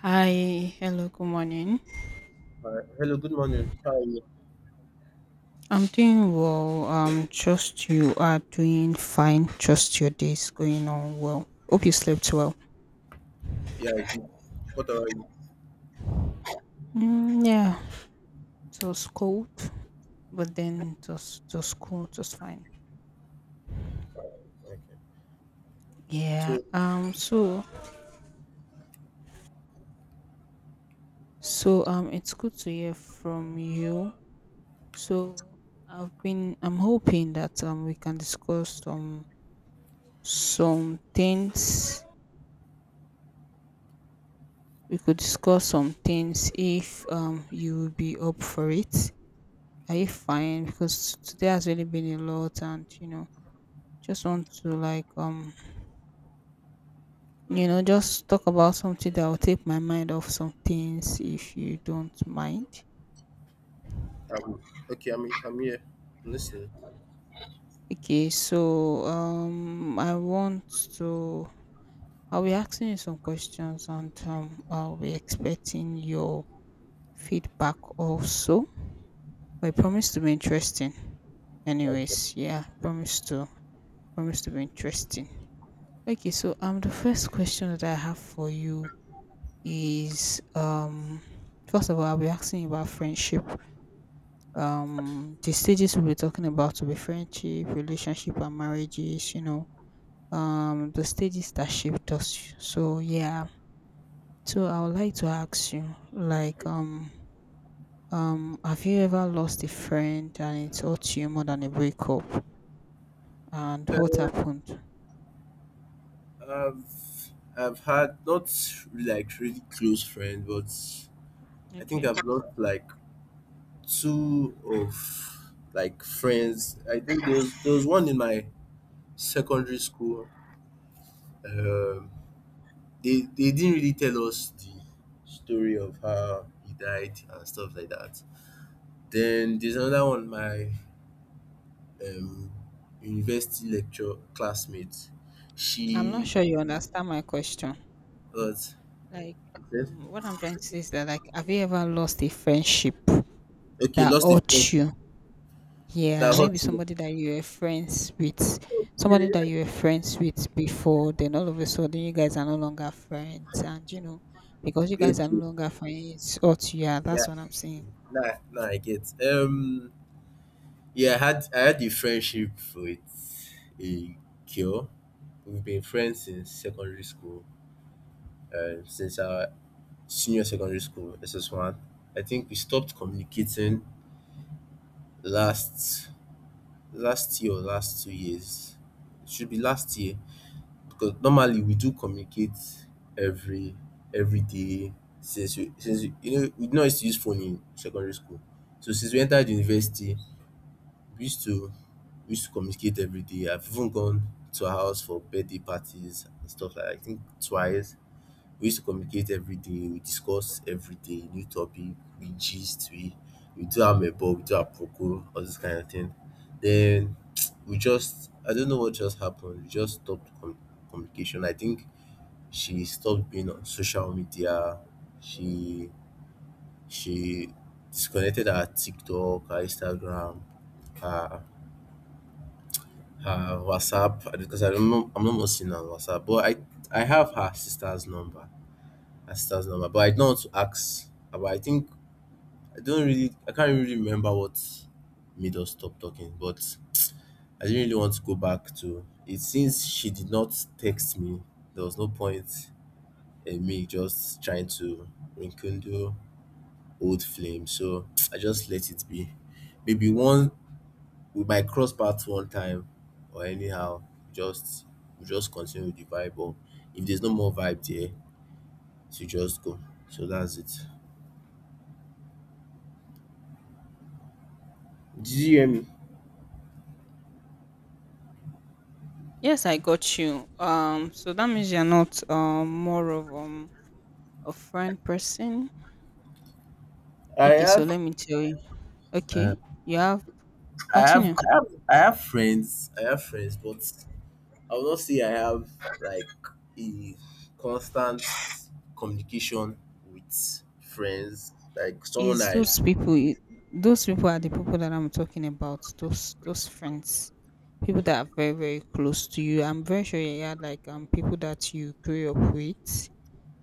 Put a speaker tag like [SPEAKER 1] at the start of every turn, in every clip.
[SPEAKER 1] Hi, hello, good morning.
[SPEAKER 2] Hello, good morning. How are you?
[SPEAKER 1] I'm doing well. Trust you are doing fine. Trust your day is going on well. Hope you slept well.
[SPEAKER 2] Yeah, I What about you?
[SPEAKER 1] Mm, yeah, it was cold, but then it was cool. It was fine.
[SPEAKER 2] Okay.
[SPEAKER 1] Yeah.
[SPEAKER 2] So,
[SPEAKER 1] So it's good to hear from you. So I've been. I'm hoping that we can discuss some things. We could discuss some things if you will be up for it. Are you fine? Because today has really been a lot, and just want to just talk about something that will take my mind off some things if you don't mind.
[SPEAKER 2] um, okay, I'm here. I'm listening.
[SPEAKER 1] Okay, so I want to I'll be asking you some questions, and I'll be expecting your feedback also. I promise to be interesting.
[SPEAKER 2] Okay.
[SPEAKER 1] Anyways, yeah, promise to for us to be interesting. Okay, so the first question that I have for you is first of all, I'll be asking you about friendship. The stages we'll be talking about will be friendship, relationship and marriages, you know. The stages that shaped us. So yeah. So I would like to ask you, like, have you ever lost a friend and it hurt you more than a breakup, and what
[SPEAKER 2] Uh,
[SPEAKER 1] happened?
[SPEAKER 2] I've I've had not like really close friends, but I think
[SPEAKER 1] Okay.
[SPEAKER 2] I've lost like two of like friends. I think there was one in my secondary school. Um, they didn't really tell us the story of how he died and stuff like that. Then there's another one, my um university lecture classmate.
[SPEAKER 1] I'm not
[SPEAKER 2] She
[SPEAKER 1] sure you understand my question.
[SPEAKER 2] What I
[SPEAKER 1] Like,
[SPEAKER 2] said?
[SPEAKER 1] what I'm trying to say is that, like, have you ever lost a friendship
[SPEAKER 2] Okay,
[SPEAKER 1] that
[SPEAKER 2] lost a friend
[SPEAKER 1] hurt you?
[SPEAKER 2] that
[SPEAKER 1] Yeah, maybe
[SPEAKER 2] hurt me.
[SPEAKER 1] somebody that you were friends with, somebody that you were friends with before, then all of a sudden you guys are no longer friends, and, you know, because you guys are
[SPEAKER 2] Okay,
[SPEAKER 1] no longer friends, hurt you. Yeah,
[SPEAKER 2] yeah,
[SPEAKER 1] that's what I'm saying.
[SPEAKER 2] now I get. Yeah, I had a friendship with a girl. We've been friends since secondary school, since our senior secondary school SS1. I think we stopped communicating last last year, or last 2 years. It should be last year. Because normally we do communicate every every day, since we we no used to use phone in secondary school. So since we entered university, we used to we used to communicate every day. I've even gone to her house for birthday parties and stuff like that. I think twice. We used to communicate every day, we discuss every day, new topic, we gist, we do amebo, we do aproko, all this kind of thing. Then we just I don't know what just happened. We just stopped communication. I think she stopped being on social media. She she disconnected her TikTok, her Instagram, her her WhatsApp, because I remember I'm not more seeing her on WhatsApp. But I have her sister's number, But I don't want to ask about. I think I can't really remember what made us stop talking. But I didn't really want to go back to it, since she did not text me. There was no point in me just trying to rekindle old flame. So I just let it be. Maybe one we might cross paths one time or anyhow, just we just continue with the vibe, or if there's no more vibe there, so just go. So that's it. Did you hear me?
[SPEAKER 1] Yes, I got you. So that means you're not more of a friend person.
[SPEAKER 2] I
[SPEAKER 1] Okay, so
[SPEAKER 2] have
[SPEAKER 1] let me tell you.
[SPEAKER 2] uh,
[SPEAKER 1] Okay, you have
[SPEAKER 2] I have
[SPEAKER 1] continue.
[SPEAKER 2] I have I have friends. I have friends, but I will not say I have like a constant communication with friends.
[SPEAKER 1] Is those people I- Those people are the people that I'm talking about, those friends, people that are very, very close to you. I'm very sure you had like, people that you grew up with,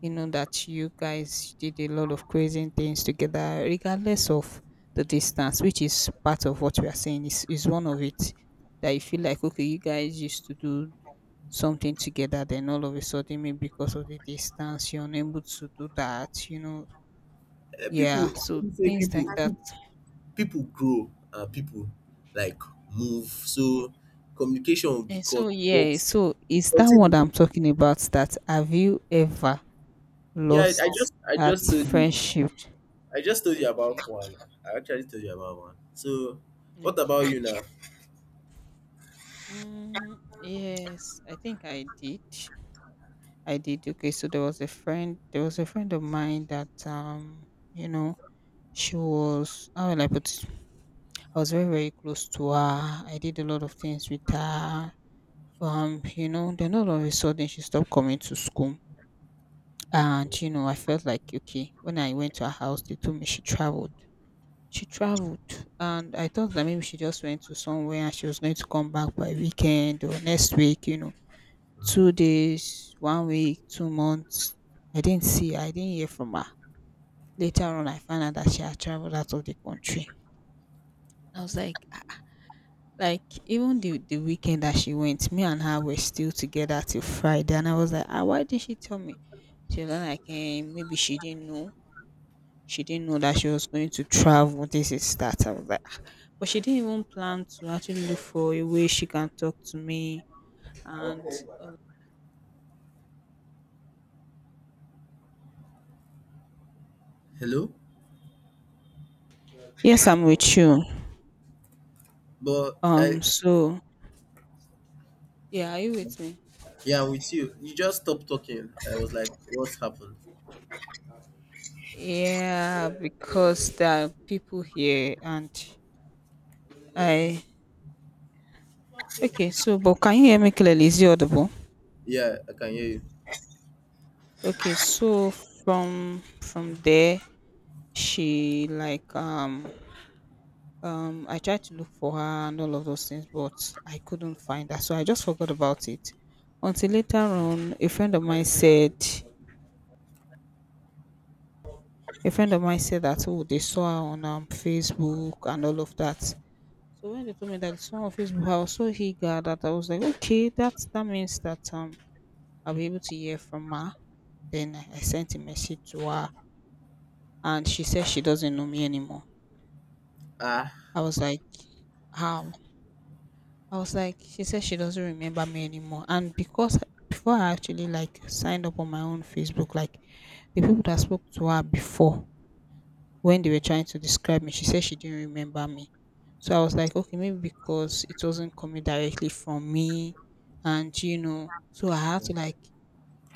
[SPEAKER 1] you know, that you guys did a lot of crazy things together regardless of the distance, which is part of what we are saying. Is one of it that you feel like, okay, you guys used to do something together, then all of a sudden, maybe because of the distance, you're unable to do that, you know.
[SPEAKER 2] people,
[SPEAKER 1] Yeah,
[SPEAKER 2] let
[SPEAKER 1] so
[SPEAKER 2] me say,
[SPEAKER 1] things
[SPEAKER 2] people
[SPEAKER 1] like that.
[SPEAKER 2] people grow and people like move, so communication will be
[SPEAKER 1] And
[SPEAKER 2] cut,
[SPEAKER 1] so
[SPEAKER 2] but
[SPEAKER 1] yeah, so it's
[SPEAKER 2] but
[SPEAKER 1] that one
[SPEAKER 2] thing
[SPEAKER 1] that
[SPEAKER 2] is,
[SPEAKER 1] I'm talking about, that have you ever
[SPEAKER 2] yeah, I I
[SPEAKER 1] lost
[SPEAKER 2] just I
[SPEAKER 1] at
[SPEAKER 2] just told you.
[SPEAKER 1] friendship?
[SPEAKER 2] I just told you about
[SPEAKER 1] Okay.
[SPEAKER 2] one I actually told you about one. So what
[SPEAKER 1] Okay.
[SPEAKER 2] about you now?
[SPEAKER 1] Mm, yes, I think I did. I did. Okay, so there was a friend of mine that, you know, she was, how will I put it? I was very, very close to her. I did a lot of things with her. You know, then all of a sudden she stopped coming to school. And you know, I felt like, okay, when I went to her house, they told me she traveled. She traveled, and I thought that maybe she just went to somewhere and she was going to come back by weekend or next week. You know, 2 days, one week, 2 months. I didn't see her, I didn't hear from her. Later on, I found out that she had traveled out of the country. I was like, "Ah, ah." Like, even the weekend that she went, me and her were still together till Friday, and I was like, ah, why didn't she tell me? She was like, eh, maybe she didn't know. She didn't know that she was going to travel. This is that. I was like, "Ah." But she didn't even plan to actually look for a way she can talk to me. And uh,
[SPEAKER 2] Hello.
[SPEAKER 1] yes, I'm with you.
[SPEAKER 2] But I
[SPEAKER 1] So yeah, are you with me?
[SPEAKER 2] Yeah, I'm with you. You just stopped talking. I was like, what's happened?
[SPEAKER 1] Yeah, because there are people here, and I okay. So, but can you hear me clearly? Is it audible?
[SPEAKER 2] Yeah, I can hear you.
[SPEAKER 1] Okay, so from there, she like, I tried to look for her and all of those things, but I couldn't find her, so I just forgot about it until later on a friend of mine said that, oh, they saw her on, Facebook and all of that. So when they told me that it's not on Facebook, I was so eager that I was like, okay, that means that, um, I'll be able to hear from her. Then I sent a message to her, and she said she doesn't know me anymore.
[SPEAKER 2] Ah,
[SPEAKER 1] I was like, how? I was like, she says she doesn't remember me anymore. And because before I actually like signed up on my own Facebook, like, the people that spoke to her before, when they were trying to describe me, she said she didn't remember me. So I was like, okay, maybe because it wasn't coming directly from me, and you know, so I had to like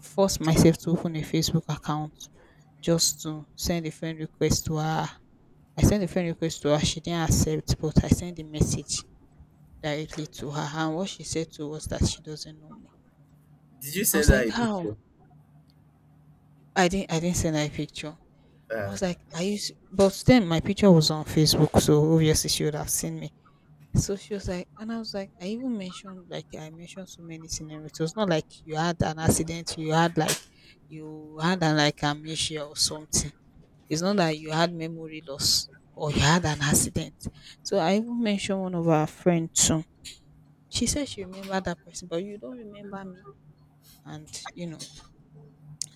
[SPEAKER 1] force myself to open a Facebook account just to send a friend request to her. I sent a friend request to her, she didn't accept, but I sent a message directly to her, and what she said to was that she doesn't know me.
[SPEAKER 2] did you
[SPEAKER 1] I was
[SPEAKER 2] send her
[SPEAKER 1] like,
[SPEAKER 2] a
[SPEAKER 1] how?
[SPEAKER 2] picture?
[SPEAKER 1] I didn't send her a picture. I
[SPEAKER 2] Ah,
[SPEAKER 1] was like, I used, but then my picture was on Facebook, so obviously she would have seen me. So she was like, and I was like, I mentioned so many scenarios. It was not like you had an accident, you had like, you had an like amnesia or something. It's not that you had memory loss or you had an accident. So I even mentioned one of our friends too. She said she remembered that person, but you don't remember me. And you know,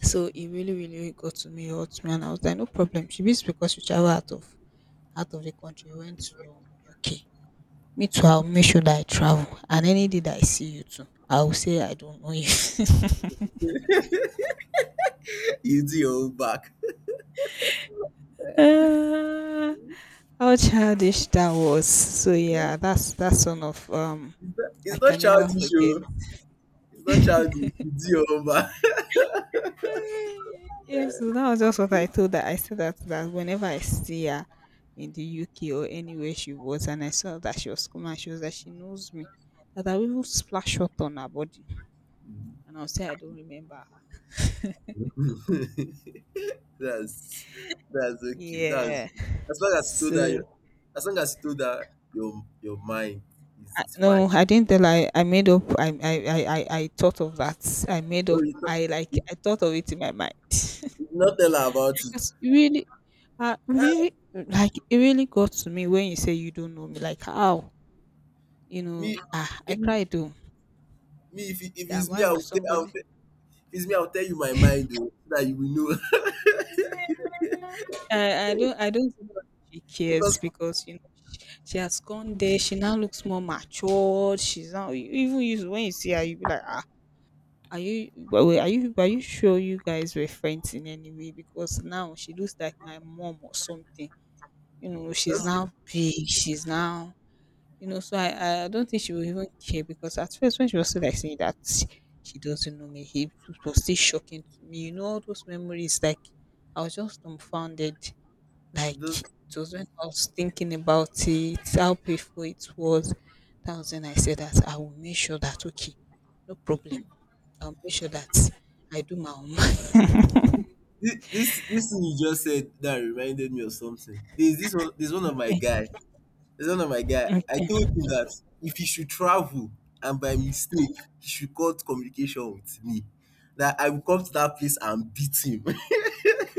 [SPEAKER 1] so it really got to me, hurt me, and I was like, no problem, she beats, because she travel out of the country, went to UK. Me too, I'll make sure that I travel, and any day that I see you too, I'll say I don't know you.
[SPEAKER 2] you do your own back.
[SPEAKER 1] Ah, how childish that was. So yeah, that's one of, um,
[SPEAKER 2] it's not
[SPEAKER 1] I
[SPEAKER 2] it's not
[SPEAKER 1] can never
[SPEAKER 2] childish
[SPEAKER 1] forget.
[SPEAKER 2] o. It's not childish. You do your own back.
[SPEAKER 1] Yes, so that was just what I told her. I said that that whenever I see her in the UK or anywhere she was, and I saw that she was coming, and she was that she knows me, that I will splash hot on her body, and I'll say I don't remember her.
[SPEAKER 2] That's that's okay. That's
[SPEAKER 1] Yeah.
[SPEAKER 2] as long as you told her
[SPEAKER 1] So
[SPEAKER 2] your, As long as you told her your mind is
[SPEAKER 1] I-
[SPEAKER 2] is fine.
[SPEAKER 1] no, I didn't tell her. I made up. I thought of that. I made
[SPEAKER 2] Oh,
[SPEAKER 1] up.
[SPEAKER 2] you not,
[SPEAKER 1] I thought of it in my mind.
[SPEAKER 2] you not tell her about it.
[SPEAKER 1] Because it really,
[SPEAKER 2] Ah,
[SPEAKER 1] really like it really got to me when you say you don't know me. Like, how, you know?
[SPEAKER 2] me,
[SPEAKER 1] Ah, I
[SPEAKER 2] me
[SPEAKER 1] cried, oh.
[SPEAKER 2] if, it- if
[SPEAKER 1] That
[SPEAKER 2] it's me,
[SPEAKER 1] why will somebody
[SPEAKER 2] if it's me, I'll tell you my mind though, so that you will know.
[SPEAKER 1] I don't, think she cares,
[SPEAKER 2] Because
[SPEAKER 1] because, you know, she has gone there. She now looks more matured. She's now, you even you when you see her, you be like, ah, are you, but wait, are you, are you sure you guys were friends in any way? Because now she looks like my mom or something. You know, she's
[SPEAKER 2] that's it,
[SPEAKER 1] now big. She's now, you know, so I don't think she will even care, because at first when she was still like saying that she doesn't know me, it was still shocking to me. You know, all those memories, like, I was just dumbfounded, like
[SPEAKER 2] this
[SPEAKER 1] it was, when I was thinking about it, how painful it was, that was when I said that I will make sure that, okay, no problem, I'll make sure that I do my own.
[SPEAKER 2] this thing you just said that reminded me of something. There's this one. There's one of my
[SPEAKER 1] Okay.
[SPEAKER 2] guy. There's one of my guy. I told
[SPEAKER 1] Okay,
[SPEAKER 2] him that if he should travel and by mistake he should cut communication with me, that I will come to that place and beat him.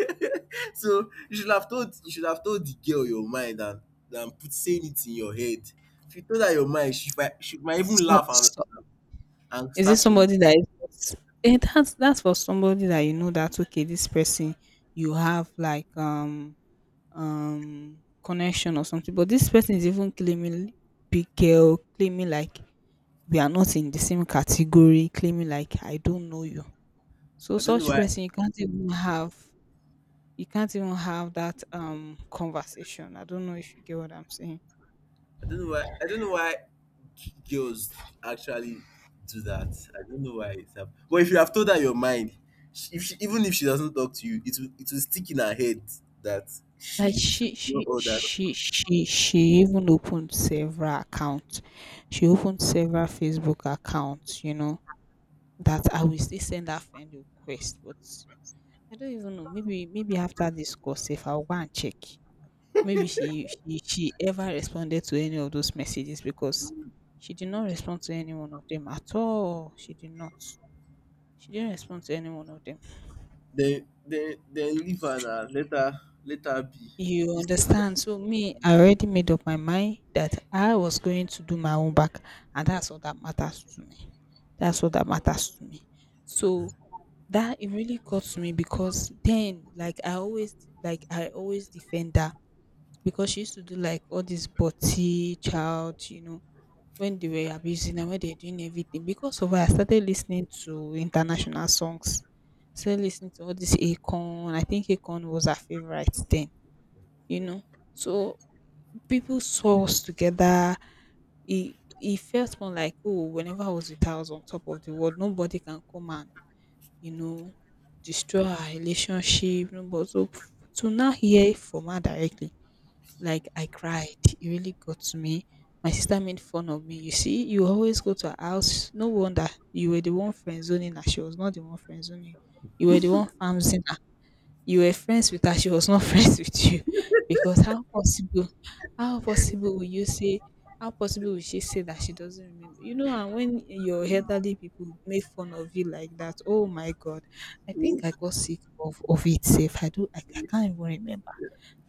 [SPEAKER 2] So you should have told the girl your mind, and put saying it in your head. If you told her your mind, she might even
[SPEAKER 1] so,
[SPEAKER 2] laugh, and
[SPEAKER 1] so
[SPEAKER 2] and
[SPEAKER 1] is it
[SPEAKER 2] start from.
[SPEAKER 1] somebody that is, eh, that's for somebody that you know that, okay, this person, you have like, connection or something, but this person is even claiming big girl, claiming like we are not in the same category, claiming like I don't know you. So
[SPEAKER 2] I don't know
[SPEAKER 1] such
[SPEAKER 2] why. I
[SPEAKER 1] person you can't even have that, um, conversation. I don't know if you get what I'm saying.
[SPEAKER 2] don't know why. I don't know why girls actually do that. I don't know why it's happening. But if you have told her your mind, she, if she, even if she doesn't talk to you, it will stick in her head, that
[SPEAKER 1] Like,
[SPEAKER 2] she
[SPEAKER 1] she
[SPEAKER 2] know
[SPEAKER 1] she
[SPEAKER 2] all that.
[SPEAKER 1] she she she even opened several accounts. She opened several Facebook accounts, you know, that I will still send her friend request. But I don't even know. Maybe, maybe after this course, if I'll go and check. Maybe she ever responded to any of those messages, because she did not respond to any one of them at all. She did not. She didn't respond to any one of them.
[SPEAKER 2] Then leave her now. Let her be.
[SPEAKER 1] You
[SPEAKER 2] You say,
[SPEAKER 1] understand? So me, I already made up my mind that I was going to do my own back, and that's all that matters to me. That's all that matters to me. So that it really got to me because then, like I always defend her because she used to do like all this body child, you know, when they were abusing and when they were doing everything. Because of her, I started listening to international songs. Started listening to all this Akon. I think Akon was her favorite then you know. So people saw us together. It felt more like, oh, whenever I was with her, I was on top of the world. Nobody can come and you know destroy our relationship. Nobody. So to now hear it from her directly, like I cried. It really got to me. My sister made fun of me. You see, you always go to her house. No wonder you were the one friend zoning her. She was not the one friend zoning. You were the one farm her. You were friends with her. She was not friends with you because how possible, how possible will you say? How possible will she say that she doesn't remember? You know, and when your elderly people make fun of you like that, oh my God, I think
[SPEAKER 2] "Mm,
[SPEAKER 1] I got sick of it. Safe, I do. I can't even remember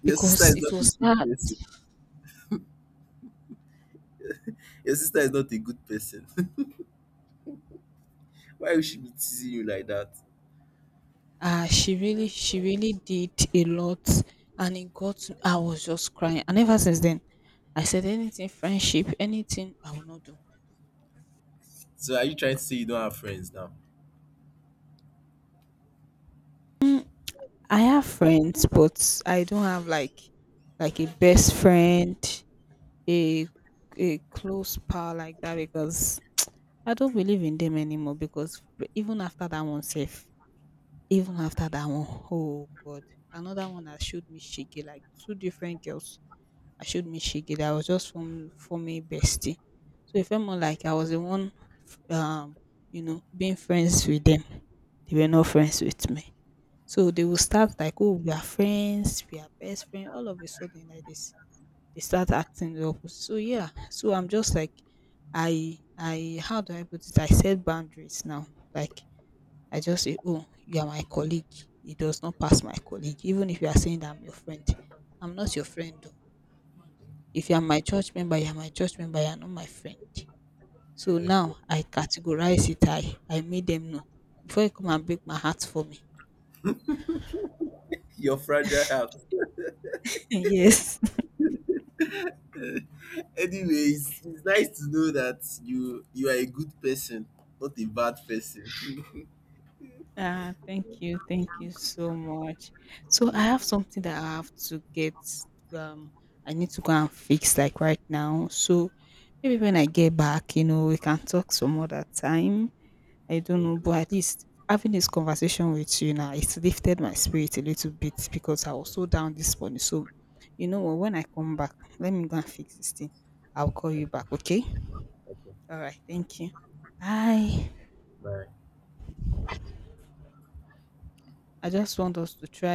[SPEAKER 2] your sister
[SPEAKER 1] because
[SPEAKER 2] is
[SPEAKER 1] it
[SPEAKER 2] not a
[SPEAKER 1] was
[SPEAKER 2] good
[SPEAKER 1] that
[SPEAKER 2] person. Your sister is not a good person." Why would she be teasing you like that?
[SPEAKER 1] she really did a lot, and it got to- I was just crying, and ever since then, I said anything friendship, anything I will not do.
[SPEAKER 2] So are you trying to say you don't have friends now?
[SPEAKER 1] I have friends, but I don't have like a best friend, a a close pal like that because I don't believe in them anymore. Because even after that one, safe, even after that one, oh god, another one that showed me shiggy, like two different girls. I showed me shiggy that was just for me bestie. So it felt more like I was the one, um, you know, being friends with them. They were not friends with me. So they will start like, oh, we are friends, we are best friends, all of a sudden like this they start acting the opposite. So yeah, so I'm just like, I how do I put it? I set boundaries now. Like I just say, oh, you are my colleague. It does not pass my colleague. Even if you are saying that I'm your friend, I'm not your friend. Though. If you are my church member, you are my church member. You are not my friend. So
[SPEAKER 2] Okay.
[SPEAKER 1] now I categorize it. I made them know before you come and break my heart for me.
[SPEAKER 2] Your fragile heart.
[SPEAKER 1] Yes.
[SPEAKER 2] Anyways, it's nice to know that you are a good person, not a bad person.
[SPEAKER 1] Ah, thank you. Thank you so much. So I have something that I have to get, um I need to go and fix like right now. So maybe when I get back, you know, we can talk some other time. I don't know,
[SPEAKER 2] Okay,
[SPEAKER 1] but at least having this conversation with you now, it's lifted my spirit a little bit because I was so down this morning. So you know what, when I come back, let me go and fix this thing. I'll call
[SPEAKER 2] okay,
[SPEAKER 1] you back, okay?
[SPEAKER 2] okay.
[SPEAKER 1] All right, thank you. Bye.
[SPEAKER 2] Bye.
[SPEAKER 1] I just want us to try